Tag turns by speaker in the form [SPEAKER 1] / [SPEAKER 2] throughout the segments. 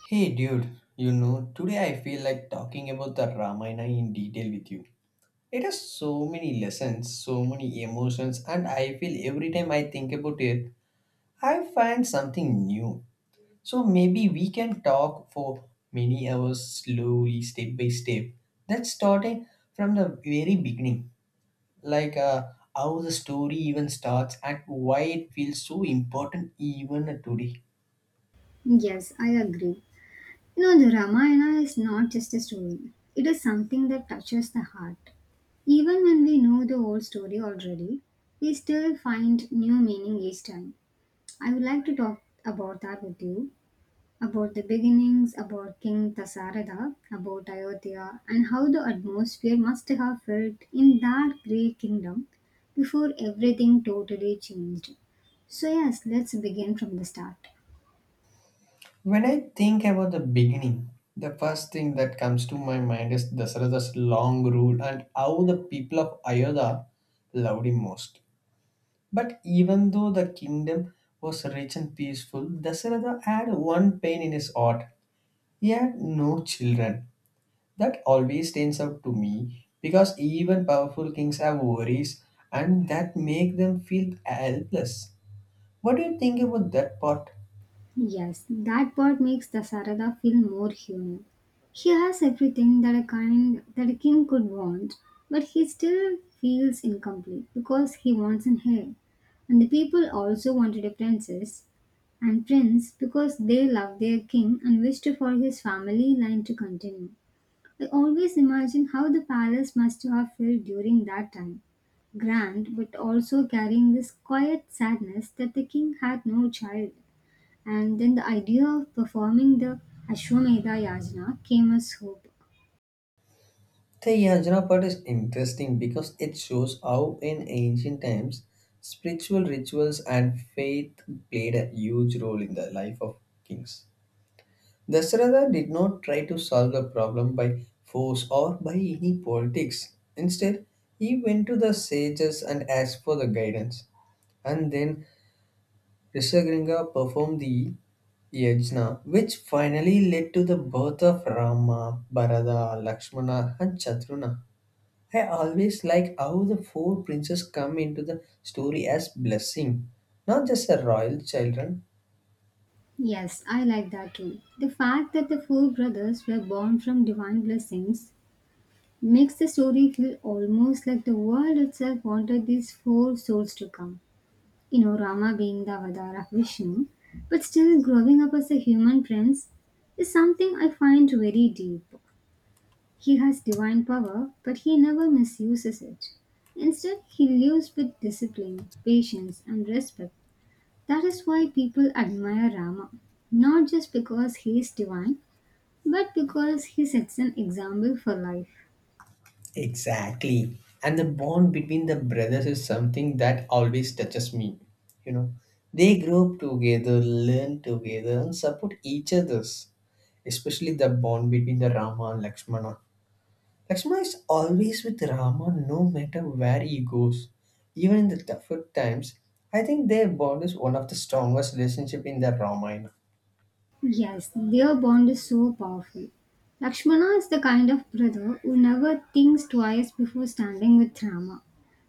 [SPEAKER 1] Hey dude, you know, today I feel like talking about the Ramayana in detail with you. It has so many lessons, so many emotions, and I feel every time I think about it, I find something new. So maybe we can talk for many hours slowly, step by step. That's starting from the very beginning, like how the story even starts and why it feels so important even today.
[SPEAKER 2] Yes, I agree. You know, the Ramayana is not just a story, it is something that touches the heart. Even when we know the whole story already, we still find new meaning each time. I would like to talk about that with you about the beginnings, about King Dasarada, about Ayodhya, and how the atmosphere must have felt in that great kingdom before everything totally changed. So, yes, let's begin from the start.
[SPEAKER 1] When I think about the beginning, the first thing that comes to my mind is Dasarada's long rule and how the people of Ayodhya loved him most. But even though the kingdom was rich and peaceful, Dasarada had one pain in his heart. He had no children. That always stands out to me because even powerful kings have worries and that make them feel helpless. What do you think about that part?
[SPEAKER 2] Yes, that part makes the Sarada feel more human. He has everything that a kind that a king could want, but he still feels incomplete because he wants an heir. And the people also wanted a princess and prince because they love their king and wished for his family line to continue. I always imagine how the palace must have felt during that time. Grand, but also carrying this quiet sadness that the king had no child. And then the idea of performing the Ashwamedha Yajna came as hope.
[SPEAKER 1] The Yajna part is interesting because it shows how in ancient times spiritual rituals and faith played a huge role in the life of kings. Dasharatha did not try to solve the problem by force or by any politics. Instead, he went to the sages and asked for the guidance. And then Rishagringa performed the Yajna, which finally led to the birth of Rama, Bharata, Lakshmana, and Chatruna. I always like how the four princes come into the story as blessing, not just a royal children.
[SPEAKER 2] Yes, I like that too. The fact that the four brothers were born from divine blessings makes the story feel almost like the world itself wanted these four souls to come. You know, Rama being the avatar of Vishnu, but still growing up as a human prince is something I find very deep. He has divine power, but he never misuses it. Instead, he lives with discipline, patience, and respect. That is why people admire Rama, not just because he is divine, but because he sets an example for life.
[SPEAKER 1] Exactly. And the bond between the brothers is something that always touches me. You know, they grow up together, learn together, and support each other's. Especially the bond between the Rama and Lakshmana. Lakshmana is always with Rama no matter where he goes. Even in the tougher times, I think their bond is one of the strongest relationship in the Ramayana.
[SPEAKER 2] Yes, their bond is so powerful. Lakshmana is the kind of brother who never thinks twice before standing with Rama.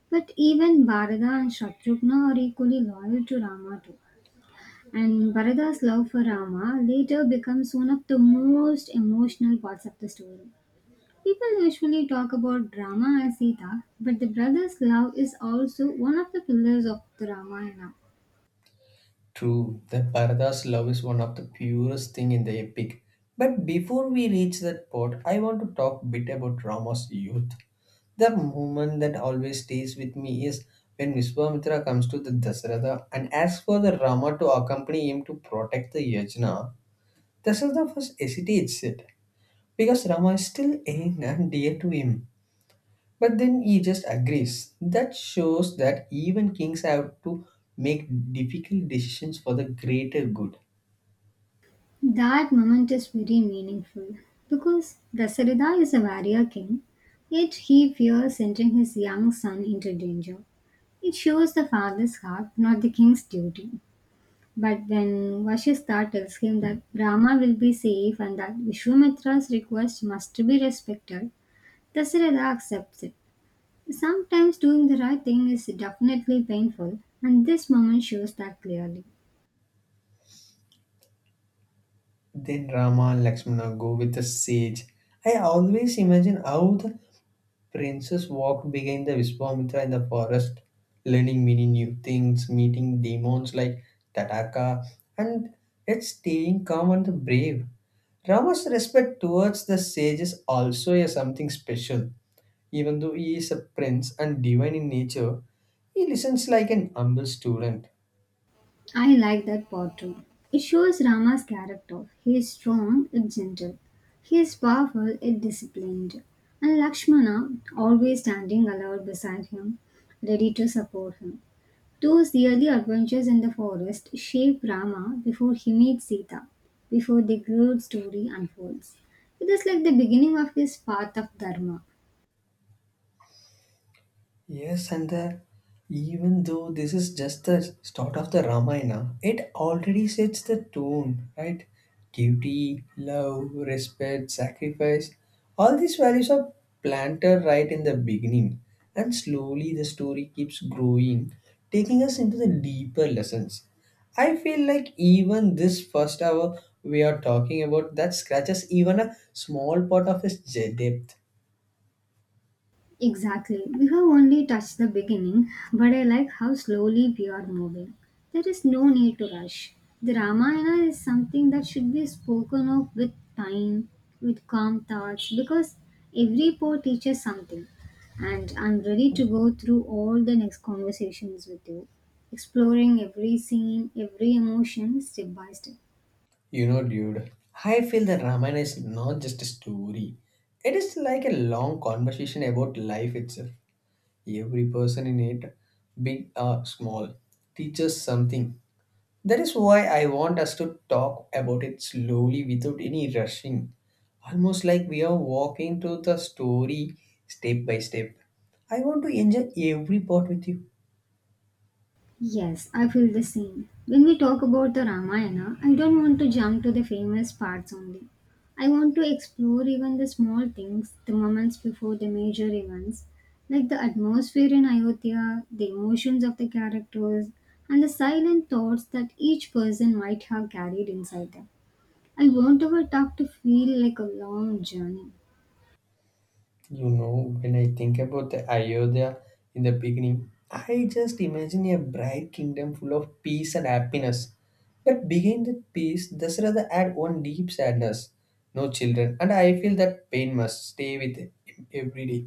[SPEAKER 2] But even Bharata and Shatrughna are equally loyal to Rama too. And Bharada's love for Rama later becomes one of the most emotional parts of the story. People usually talk about Rama as Sita, but the brother's love is also one of the pillars of the Ramayana.
[SPEAKER 1] True, the Parada's love is one of the purest thing in the epic. But before we reach that part, I want to talk a bit about Rama's youth. The moment that always stays with me is when Vishwamitra comes to the Dasaratha and asks for the Rama to accompany him to protect the Yajna. Dasaratha first hesitates it because Rama is still young and dear to him. But then he just agrees. That shows that even kings have to make difficult decisions for the greater good.
[SPEAKER 2] That moment is very meaningful because Dasarada is a warrior king, yet he fears sending his young son into danger. It shows the father's heart, not the king's duty. But then Vashistha tells him that Brahma will be safe and that Vishwamitra's request must be respected, Dasarada accepts it. Sometimes doing the right thing is definitely painful, and this moment shows that clearly.
[SPEAKER 1] Then Rama and Lakshmana go with the sage. I always imagine how the princess walked behind the Vishwamitra in the forest, learning many new things, meeting demons like Tataka, and yet staying calm and brave. Rama's respect towards the sage is also a something special. Even though he is a prince and divine in nature, he listens like an humble student.
[SPEAKER 2] I like that part too. It shows Rama's character. He is strong yet gentle. He is powerful yet disciplined. And Lakshmana always standing aloud beside him, ready to support him. Those early adventures in the forest shape Rama before he meets Sita, before the great story unfolds. It is like the beginning of his path of Dharma.
[SPEAKER 1] Yes, and even though this is just the start of the Ramayana, it already sets the tone, right? Duty, love, respect, sacrifice, all these values are planted right in the beginning. And slowly the story keeps growing, taking us into the deeper lessons. I feel like even this first hour we are talking about that scratches even a small part of its depth.
[SPEAKER 2] Exactly. We have only touched the beginning, but I like how slowly we are moving. There is no need to rush. The Ramayana is something that should be spoken of with time, with calm thoughts, because every port teaches something. And I'm ready to go through all the next conversations with you, exploring every scene, every emotion, step by step.
[SPEAKER 1] You know, dude, I feel that Ramayana is not just a story. It is like a long conversation about life itself. Every person in it, big or small, teaches something. That is why I want us to talk about it slowly without any rushing. Almost like we are walking through the story step by step. I want to enjoy every part with you.
[SPEAKER 2] Yes, I feel the same. When we talk about the Ramayana, I don't want to jump to the famous parts only. I want to explore even the small things, the moments before the major events, like the atmosphere in Ayodhya, the emotions of the characters, and the silent thoughts that each person might have carried inside them. I want our talk to feel like a long journey.
[SPEAKER 1] You know, when I think about the Ayodhya in the beginning, I just imagine a bright kingdom full of peace and happiness. But behind that peace, Dasratha had one deep sadness. No children, and I feel that pain must stay with him every day.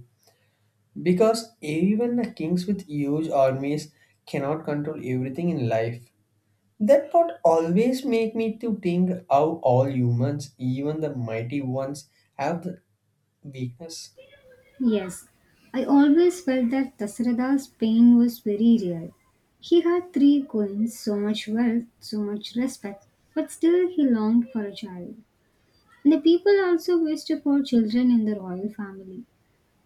[SPEAKER 1] Because even the kings with huge armies cannot control everything in life. That part always make me to think how all humans, even the mighty ones, have the weakness.
[SPEAKER 2] Yes, I always felt that Dasarada's pain was very real. He had three queens, so much wealth, so much respect, but still he longed for a child. And the people also wished for children in the royal family.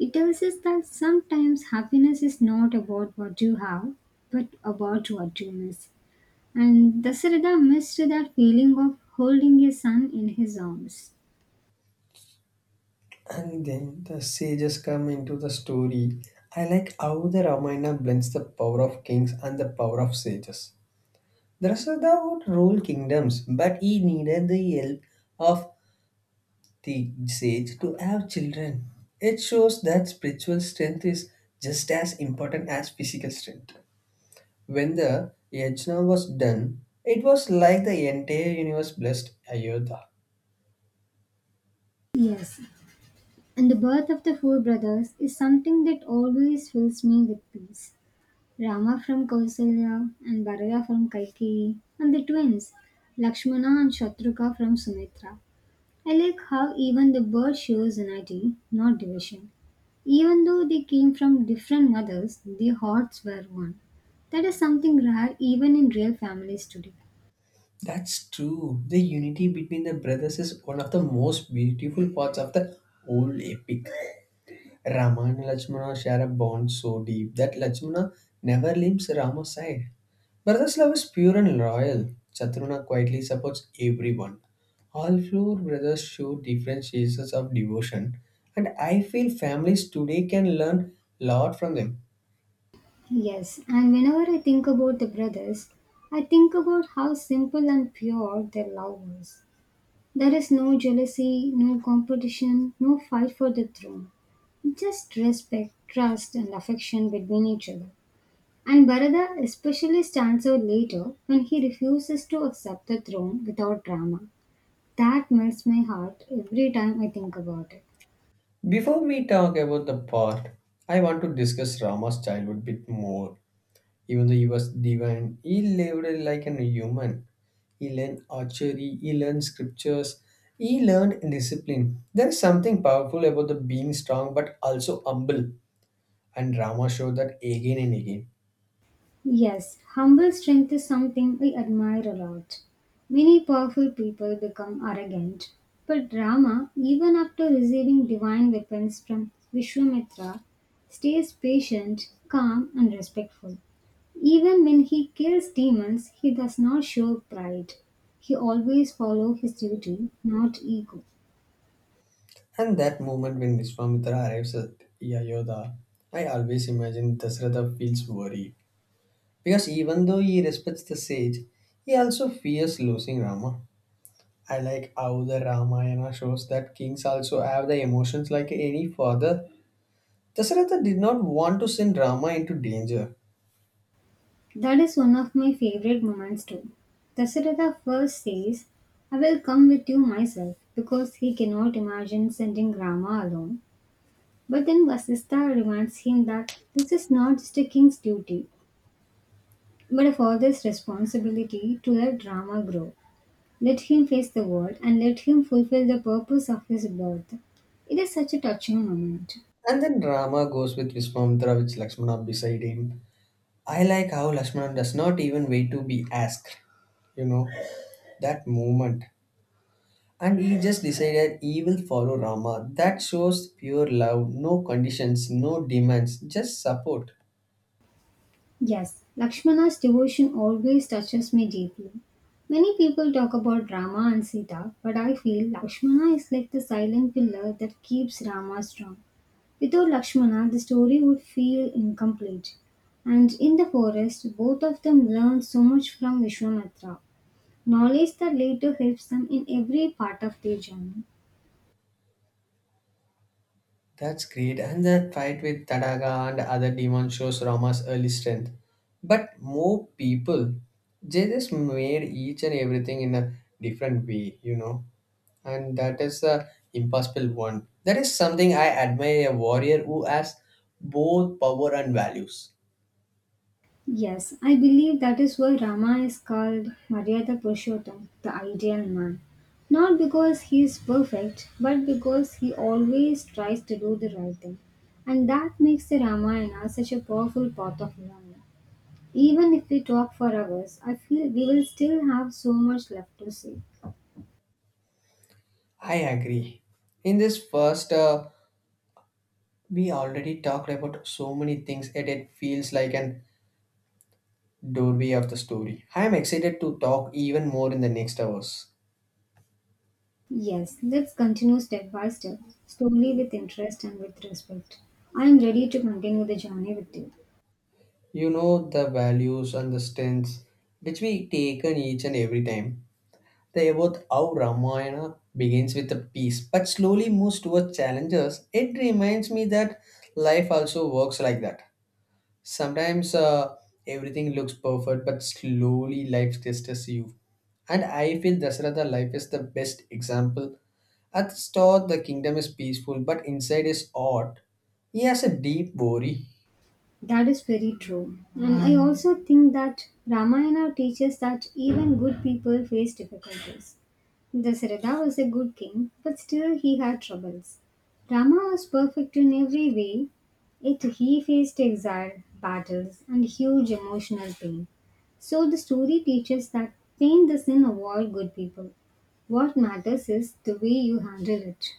[SPEAKER 2] It tells us that sometimes happiness is not about what you have, but about what you miss. And Dasarada missed that feeling of holding his son in his arms.
[SPEAKER 1] And then the sages come into the story. I like how the Ramayana blends the power of kings and the power of sages. Drasada would rule kingdoms, but he needed the help of the sage to have children. It shows that spiritual strength is just as important as physical strength. When the Yajna was done, it was like the entire universe blessed Ayodhya.
[SPEAKER 2] Yes, and the birth of the four brothers is something that always fills me with peace. Rama from Kausalya and Bharata from Kalki, and the twins, Lakshmana and Shatruka from Sumitra. I like how even the birth shows unity, not division. Even though they came from different mothers, their hearts were one. That is something rare even in real families today.
[SPEAKER 1] That's true. The unity between the brothers is one of the most beautiful parts of the whole epic. Rama and Lakshmana share a bond so deep that Lakshmana never leaves Rama's side. Brothers' love is pure and loyal. Chaturna quietly supports everyone. All four brothers show different shades of devotion, and I feel families today can learn a lot from them.
[SPEAKER 2] Yes, and whenever I think about the brothers, I think about how simple and pure their love was. There is no jealousy, no competition, no fight for the throne. Just respect, trust, and affection between each other. And Bharata especially stands out later when he refuses to accept the throne without drama. That melts my heart every time I think about it.
[SPEAKER 1] Before we talk about the part, I want to discuss Rama's childhood bit more. Even though he was divine, he lived like a human. He learned archery, he learned scriptures, he learned discipline. There is something powerful about the being strong but also humble, and Rama showed that again and again.
[SPEAKER 2] Yes, humble strength is something I admire a lot. Many powerful people become arrogant, but Rama, even after receiving divine weapons from Vishwamitra, stays patient, calm, and respectful. Even when he kills demons, he does not show pride. He always follows his duty, not ego.
[SPEAKER 1] And that moment when Vishwamitra arrives at Yayodhya, I always imagine Dasratha feels worried. Because even though he respects the sage, he also fears losing Rama. I like how the Ramayana shows that kings also have the emotions like any father. Dasaratha did not want to send Rama into danger.
[SPEAKER 2] That is one of my favorite moments too. Dasharatha first says, I will come with you myself because he cannot imagine sending Rama alone. But then Vasistha reminds him that this is not just a king's duty, but a father's responsibility to let Rama grow. Let him face the world and let him fulfill the purpose of his birth. It is such a touching moment.
[SPEAKER 1] And then Rama goes with Viswamitra with Lakshmana beside him. I like how Lakshmana does not even wait to be asked, you know, that moment. And he just decided he will follow Rama. That shows pure love, no conditions, no demands, just support.
[SPEAKER 2] Yes, Lakshmana's devotion always touches me deeply. Many people talk about Rama and Sita, but I feel Lakshmana is like the silent pillar that keeps Rama strong. Without Lakshmana, the story would feel incomplete. And in the forest, both of them learn so much from Vishwamitra, knowledge that later helps them in every part of their journey.
[SPEAKER 1] That's great. And that fight with Tadaga and other demons shows Rama's early strength. But more people, they just made each and everything in a different way, you know. And that is the impossible one. That is something I admire a warrior who has both power and values.
[SPEAKER 2] Yes, I believe that is why Rama is called Maryada Purushottam, the ideal man. Not because he is perfect, but because he always tries to do the right thing. And that makes the Ramayana such a powerful part of learning. Even if we talk for hours, I feel we will still have so much left to say.
[SPEAKER 1] I agree. In this first, we already talked about so many things, and it feels like an doorway of the story. I am excited to talk even more in the next hours.
[SPEAKER 2] Yes, let's continue step by step, slowly with interest and with respect. I am ready to continue the journey with you.
[SPEAKER 1] You know, the values and the strengths which we take on each and every time. The about how Ramayana begins with a peace but slowly moves towards challenges. It reminds me that life also works like that. Sometimes everything looks perfect, but slowly life tests you. And I feel Dasratha life is the best example. At the start, the kingdom is peaceful, but inside is odd. He has a deep worry.
[SPEAKER 2] That is very true. And I also think that Ramayana teaches that even good people face difficulties. Dasarada was a good king, but still he had troubles. Rama was perfect in every way, yet he faced exile, battles, and huge emotional pain. So the story teaches that pain doesn't avoid good people. What matters is the way you handle it.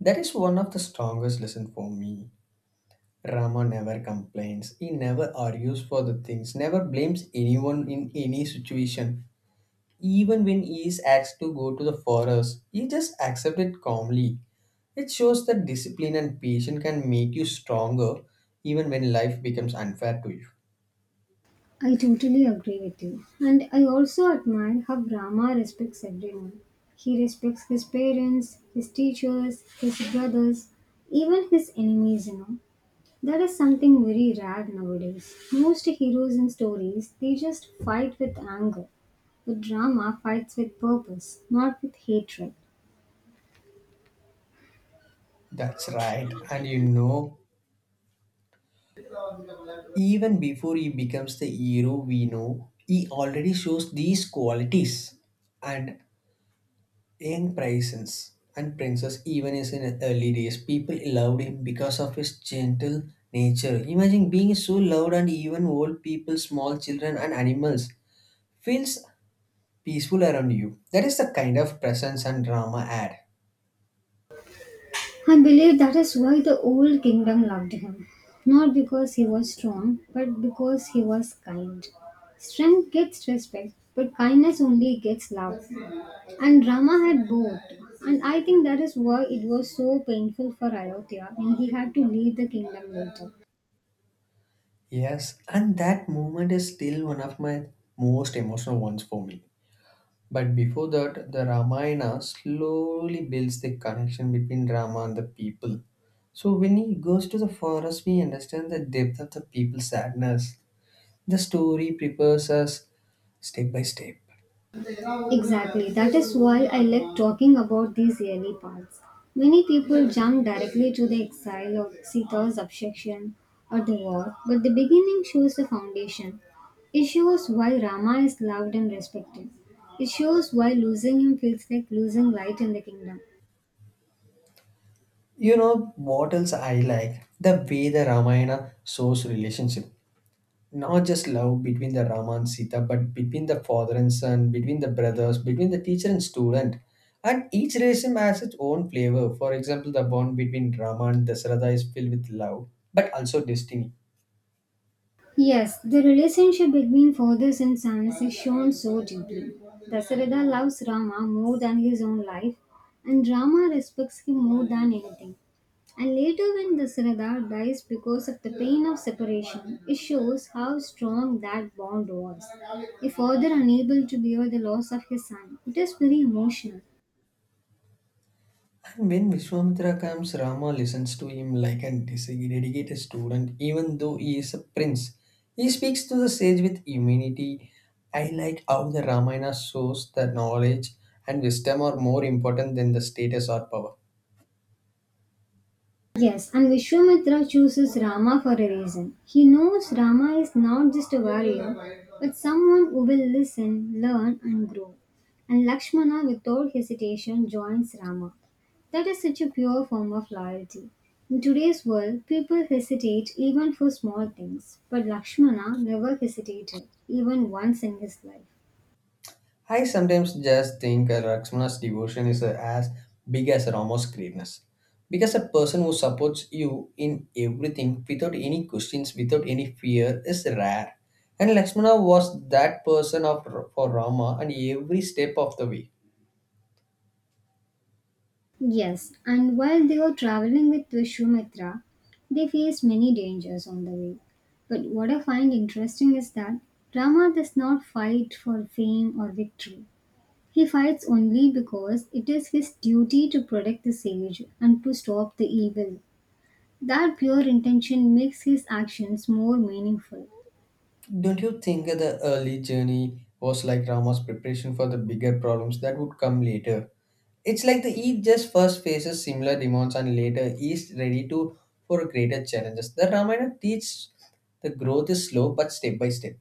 [SPEAKER 1] That is one of the strongest lesson for me. Rama never complains. He never argues for the things, never blames anyone in any situation. Even when he is asked to go to the forest, he just accepts it calmly. It shows that discipline and patience can make you stronger even when life becomes unfair to you.
[SPEAKER 2] I totally agree with you. And I also admire how Rama respects everyone. He respects his parents, his teachers, his brothers, even his enemies, you know. That is something very rare nowadays. Most heroes in stories, they just fight with anger. But Rama fights with purpose, not with hatred.
[SPEAKER 1] That's right. And you know, even before he becomes the hero we know, he already shows these qualities. And Young Princess and Princess, even is in his early days, people loved him because of his gentle nature. Imagine being so loved, and even old people, small children, and animals feels peaceful around you. That is the kind of presence and drama add.
[SPEAKER 2] I believe that is why the old kingdom loved him. Not because he was strong, but because he was kind. Strength gets respect, but kindness only gets love. And Rama had both. And I think that is why it was so painful for Ayodhya and he had to leave the kingdom later.
[SPEAKER 1] Yes, and that moment is still one of my most emotional ones for me. But before that, the Ramayana slowly builds the connection between Rama and the people. So when he goes to the forest, we understand the depth of the people's sadness. The story prepares us step by step.
[SPEAKER 2] Exactly. That is why I like talking about these early parts. Many people jump directly to the exile of Sita's abjection or the war, but the beginning shows the foundation. It shows why Rama is loved and respected. It shows why losing him feels like losing light in the kingdom.
[SPEAKER 1] You know what else I like? The way the Ramayana shows relationship. Not just love between the Rama and Sita, but between the father and son, between the brothers, between the teacher and student. And each relation has its own flavor. For example, the bond between Rama and Dasarada is filled with love, but also destiny.
[SPEAKER 2] Yes, the relationship between fathers and sons is shown so deeply. Dasarada loves Rama more than his own life, and Rama respects him more than anything. And later, when Dasarada dies because of the pain of separation, it shows how strong that bond was. A father unable to bear the loss of his son, it is very emotional.
[SPEAKER 1] And when Vishwamitra comes, Rama listens to him like a dedicated student, even though he is a prince. He speaks to the sage with humility. I like how the Ramayana shows that knowledge and wisdom are more important than the status or power.
[SPEAKER 2] Yes, and Vishwamitra chooses Rama for a reason. He knows Rama is not just a warrior, but someone who will listen, learn, and grow. And Lakshmana, without hesitation, joins Rama. That is such a pure form of loyalty. In today's world, people hesitate even for small things, but Lakshmana never hesitated, even once in his life.
[SPEAKER 1] I sometimes just think Lakshmana's devotion is as big as Rama's greatness. Because a person who supports you in everything without any questions, without any fear, is rare. And Lakshmana was that person for Rama and every step of the way.
[SPEAKER 2] Yes, and while they were traveling with Vishwamitra, they faced many dangers on the way. But what I find interesting is that Rama does not fight for fame or victory. He fights only because it is his duty to protect the sage and to stop the evil. That pure intention makes his actions more meaningful.
[SPEAKER 1] Don't you think the early journey was like Rama's preparation for the bigger problems that would come later? It's like the East just first faces similar demands and later is ready to for greater challenges. The Ramayana teaches the growth is slow but step by step.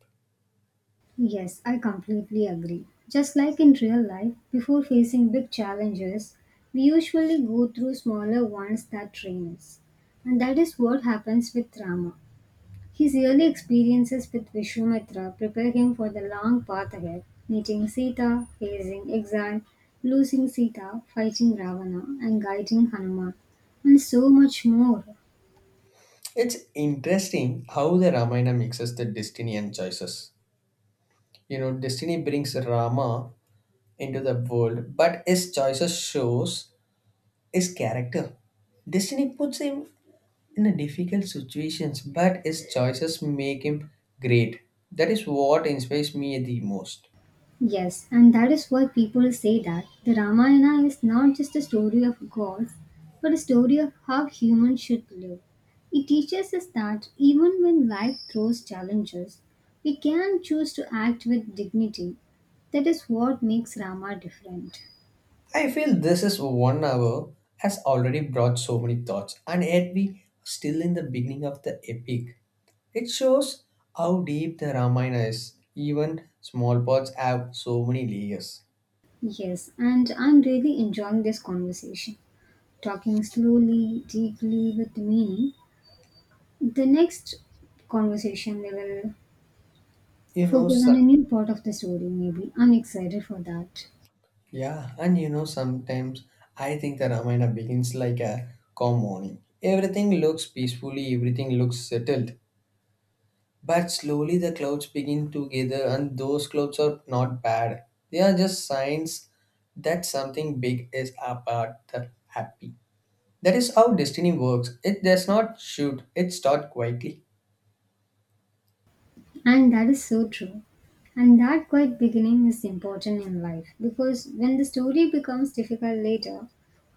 [SPEAKER 2] Yes, I completely agree. Just like in real life, before facing big challenges, we usually go through smaller ones that train us. And that is what happens with Rama. His early experiences with Vishwamitra prepare him for the long path ahead, meeting Sita, facing exile, losing Sita, fighting Ravana, and guiding Hanuman, and so much more.
[SPEAKER 1] It's interesting how the Ramayana mixes the destiny and choices. You know, destiny brings Rama into the world, but his choices shows his character. Destiny puts him in a difficult situations, but his choices make him great. That is what inspires me the most.
[SPEAKER 2] Yes, and that is why people say that the Ramayana is not just a story of gods, but a story of how humans should live. It teaches us that even when life throws challenges, we can choose to act with dignity. That is what makes Rama different.
[SPEAKER 1] I feel this is 1 hour has already brought so many thoughts, and yet we are still in the beginning of the epic. It shows how deep the Ramayana is. Even small parts have so many layers.
[SPEAKER 2] Yes, and I'm really enjoying this conversation. Talking slowly, deeply, with meaning. The next conversation we will
[SPEAKER 1] You know,
[SPEAKER 2] focus on
[SPEAKER 1] su-
[SPEAKER 2] a new part of the story, maybe. I'm excited for that.
[SPEAKER 1] Yeah, and you know, sometimes I think the Ramayana begins like a calm morning. Everything looks peacefully, everything looks settled. But slowly the clouds begin to gather, and those clouds are not bad. They are just signs that something big is about the happy. That is how destiny works. It does not shoot, it starts quietly.
[SPEAKER 2] And that is so true. And that quiet beginning is important in life because when the story becomes difficult later,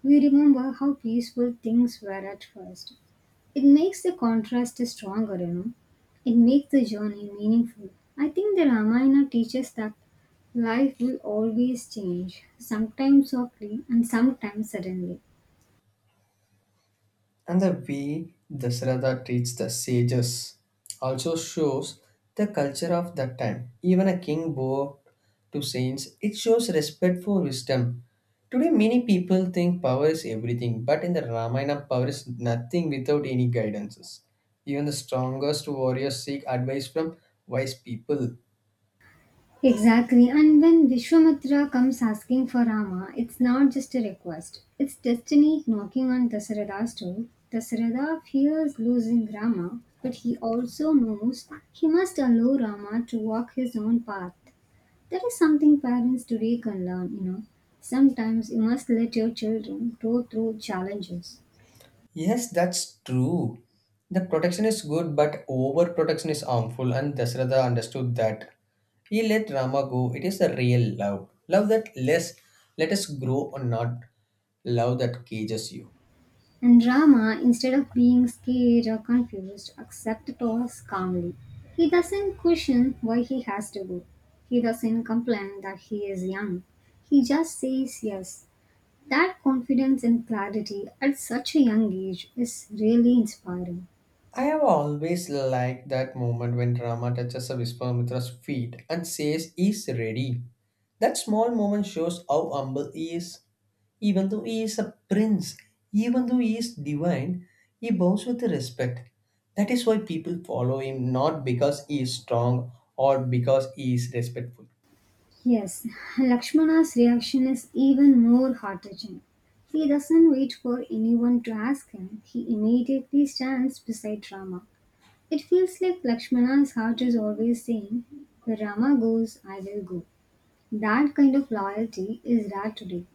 [SPEAKER 2] we remember how peaceful things were at first. It makes the contrast stronger, you know. It makes the journey meaningful. I think the Ramayana teaches that life will always change, sometimes softly and sometimes suddenly.
[SPEAKER 1] And the way Dasrata treats the sages also shows the culture of that time. Even a king bowed to saints, it shows respect for wisdom. Today, many people think power is everything, but in the Ramayana, power is nothing without any guidances. Even the strongest warriors seek advice from wise people.
[SPEAKER 2] Exactly, and when Vishwamitra comes asking for Rama, it's not just a request, it's destiny knocking on Dasarada's door. Dasarada fears losing Rama, but he also knows he must allow Rama to walk his own path. That is something parents today can learn, you know. Sometimes you must let your children go through challenges.
[SPEAKER 1] Yes, that's true. The protection is good, but overprotection is harmful, and Dasratha understood that. He let Rama go. It is the real love. Love that less let us grow or not. Love that cages you.
[SPEAKER 2] And Rama, instead of being scared or confused, accepts the task calmly. He doesn't question why he has to go. He doesn't complain that he is young. He just says yes. That confidence and clarity at such a young age is really inspiring.
[SPEAKER 1] I have always liked that moment when Rama touches a Vishwamitra's feet and says he's ready. That small moment shows how humble he is. Even though he is a prince, even though he is divine, he bows with respect. That is why people follow him, not because he is strong or because he is respectful.
[SPEAKER 2] Yes, Lakshmana's reaction is even more heart touching. He doesn't wait for anyone to ask him, he immediately stands beside Rama. It feels like Lakshmana's heart is always saying, "Where Rama goes, I will go." That kind of loyalty is rare today.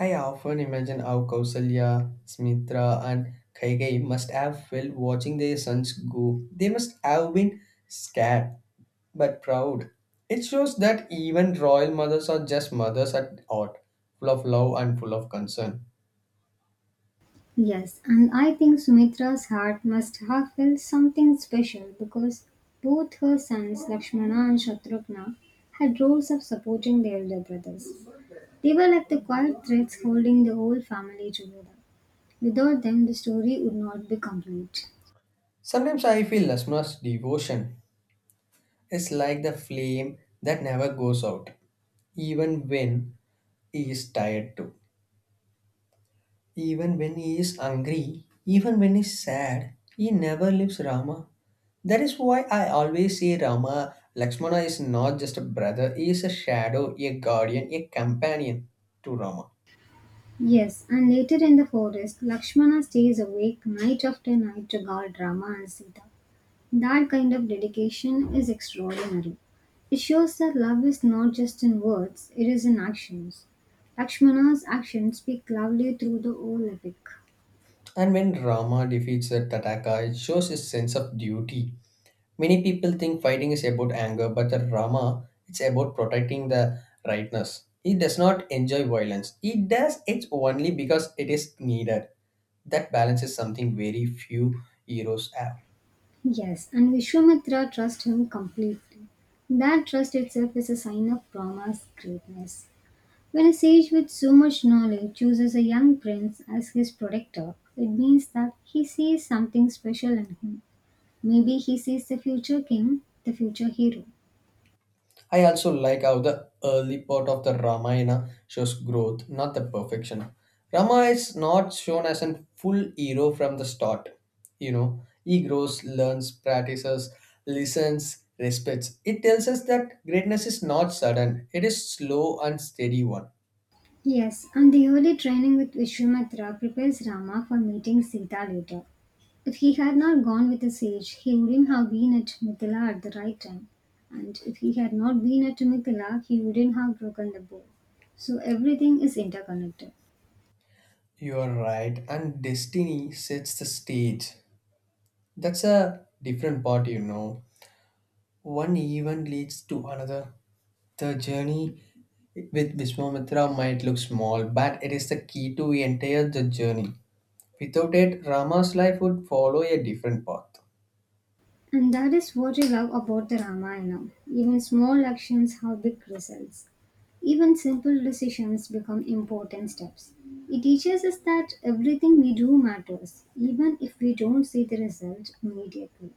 [SPEAKER 1] I often imagine how Kausalya, Smitra, and Kaigai must have felt watching their sons go. They must have been scared but proud. It shows that even royal mothers are just mothers at heart, full of love and full of concern.
[SPEAKER 2] Yes, and I think Sumitra's heart must have felt something special because both her sons, Lakshmana and Shatrugna, had roles of supporting their elder brothers. They were like the quiet threads holding the whole family together. Without them, the story would not be complete.
[SPEAKER 1] Sometimes I feel Lasma's devotion is like the flame that never goes out, even when he is tired too. Even when he is angry, even when he's sad, he never leaves Rama. That is why I always say Rama, Lakshmana is not just a brother, he is a shadow, a guardian, a companion to Rama.
[SPEAKER 2] Yes, and later in the forest, Lakshmana stays awake night after night to guard Rama and Sita. That kind of dedication is extraordinary. It shows that love is not just in words, it is in actions. Lakshmana's actions speak loudly through the whole epic.
[SPEAKER 1] And when Rama defeats the Tataka, it shows his sense of duty. Many people think fighting is about anger, but the Rama it's about protecting the rightness. He does not enjoy violence. He does it only because it is needed. That balance is something very few heroes have.
[SPEAKER 2] Yes, and Vishwamitra trusts him completely. That trust itself is a sign of Rama's greatness. When a sage with so much knowledge chooses a young prince as his protector, it means that he sees something special in him. Maybe he sees the future king, the future hero.
[SPEAKER 1] I also like how the early part of the Ramayana shows growth, not the perfection. Rama is not shown as a full hero from the start. You know, he grows, learns, practices, listens, respects. It tells us that greatness is not sudden, it is slow and steady one.
[SPEAKER 2] Yes, and the early training with Vishwamitra prepares Rama for meeting Sita later. If he had not gone with the sage, he wouldn't have been at Mithila at the right time. And if he had not been at Mithila, he wouldn't have broken the bow. So everything is interconnected.
[SPEAKER 1] You are right, and destiny sets the stage. That's a different part, you know. One event leads to another. The journey with Vishwamitra might look small, but it is the key to the entire the journey. Without it, Rama's life would follow a different path.
[SPEAKER 2] And that is what I love about the Ramayana. Even small actions have big results. Even simple decisions become important steps. It teaches us that everything we do matters, even if we don't see the result immediately.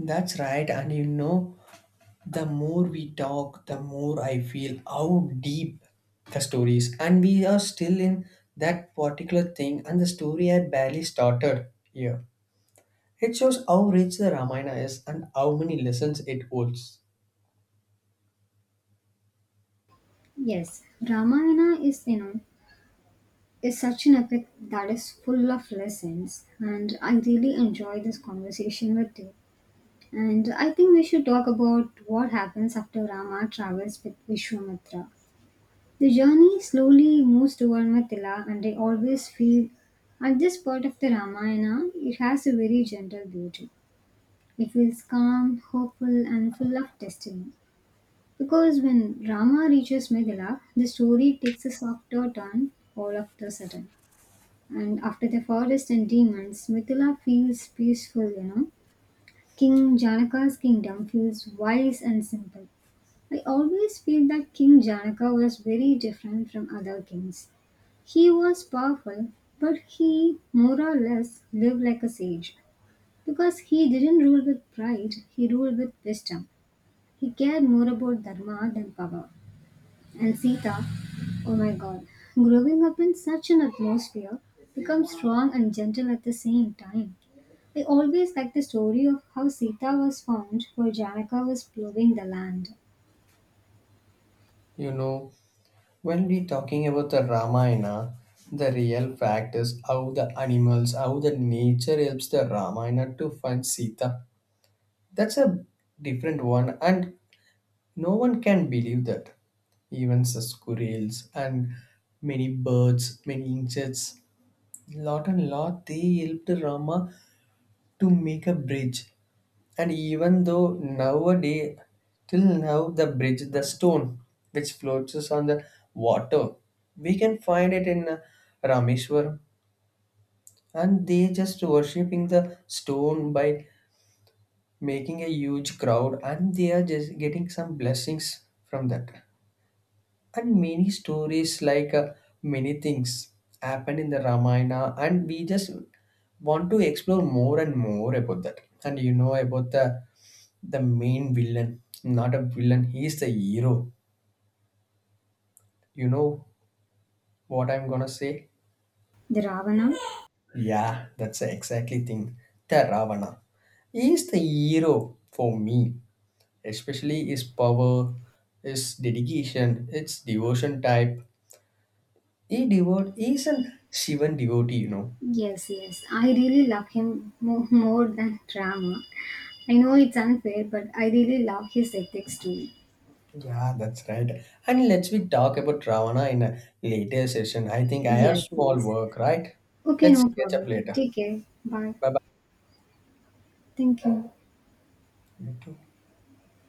[SPEAKER 1] That's right, and you know, the more we talk, the more I feel how deep the story is, and we are still in that particular thing, and the story had barely started here. It shows how rich the Ramayana is and how many lessons it holds.
[SPEAKER 2] Yes, Ramayana is, you know, is such an epic that is full of lessons, and I really enjoy this conversation with you. And I think we should talk about what happens after Rama travels with Vishwamitra. The journey slowly moves toward Mathila, and I always feel at this part of the Ramayana it has a very gentle beauty. It feels calm, hopeful, and full of destiny. Because when Rama reaches Mathila, the story takes a softer turn all of the sudden. And after the forest and demons, Mathila feels peaceful, you know. King Janaka's kingdom feels wise and simple. I always feel that King Janaka was very different from other kings. He was powerful, but he more or less lived like a sage because he didn't rule with pride, he ruled with wisdom. He cared more about dharma than power. And Sita, oh my god, growing up in such an atmosphere, become strong and gentle at the same time. I always like the story of how Sita was found while Janaka was plowing the land.
[SPEAKER 1] You know, when we talking about the Ramayana, the real fact is how the animals, how the nature helps the Ramayana to find Sita. That's a different one, and no one can believe that. Even the squirrels and many birds, many insects, lot and lot they helped Rama to make a bridge. And even though nowadays, till now, the bridge, the stone which floats on the water, we can find it in Rameshwaram. And they just worshipping the stone by making a huge crowd, and they are just getting some blessings from that, and many stories like many things happen in the ramayana, and we just want to explore more and more about that. And you know about the main villain, not a villain, he is the hero. You know what I'm gonna say?
[SPEAKER 2] The Ravana?
[SPEAKER 1] Yeah, that's the exactly thing. The ravana, he is the hero for me, especially his power, his dedication, its devotion type. He is an shivan devotee, you know.
[SPEAKER 2] Yes, yes. I really love him more than Rama. I know it's unfair, but I really love his ethics too.
[SPEAKER 1] Yeah, that's right. And let's we talk about Ravana in a later session. I think I have
[SPEAKER 2] Yes,
[SPEAKER 1] small
[SPEAKER 2] yes.
[SPEAKER 1] work, right?
[SPEAKER 2] Okay,
[SPEAKER 1] Let's
[SPEAKER 2] no
[SPEAKER 1] catch up
[SPEAKER 2] problem.
[SPEAKER 1] later.
[SPEAKER 2] Take care. Bye.
[SPEAKER 1] Bye
[SPEAKER 2] Thank you.
[SPEAKER 1] bye.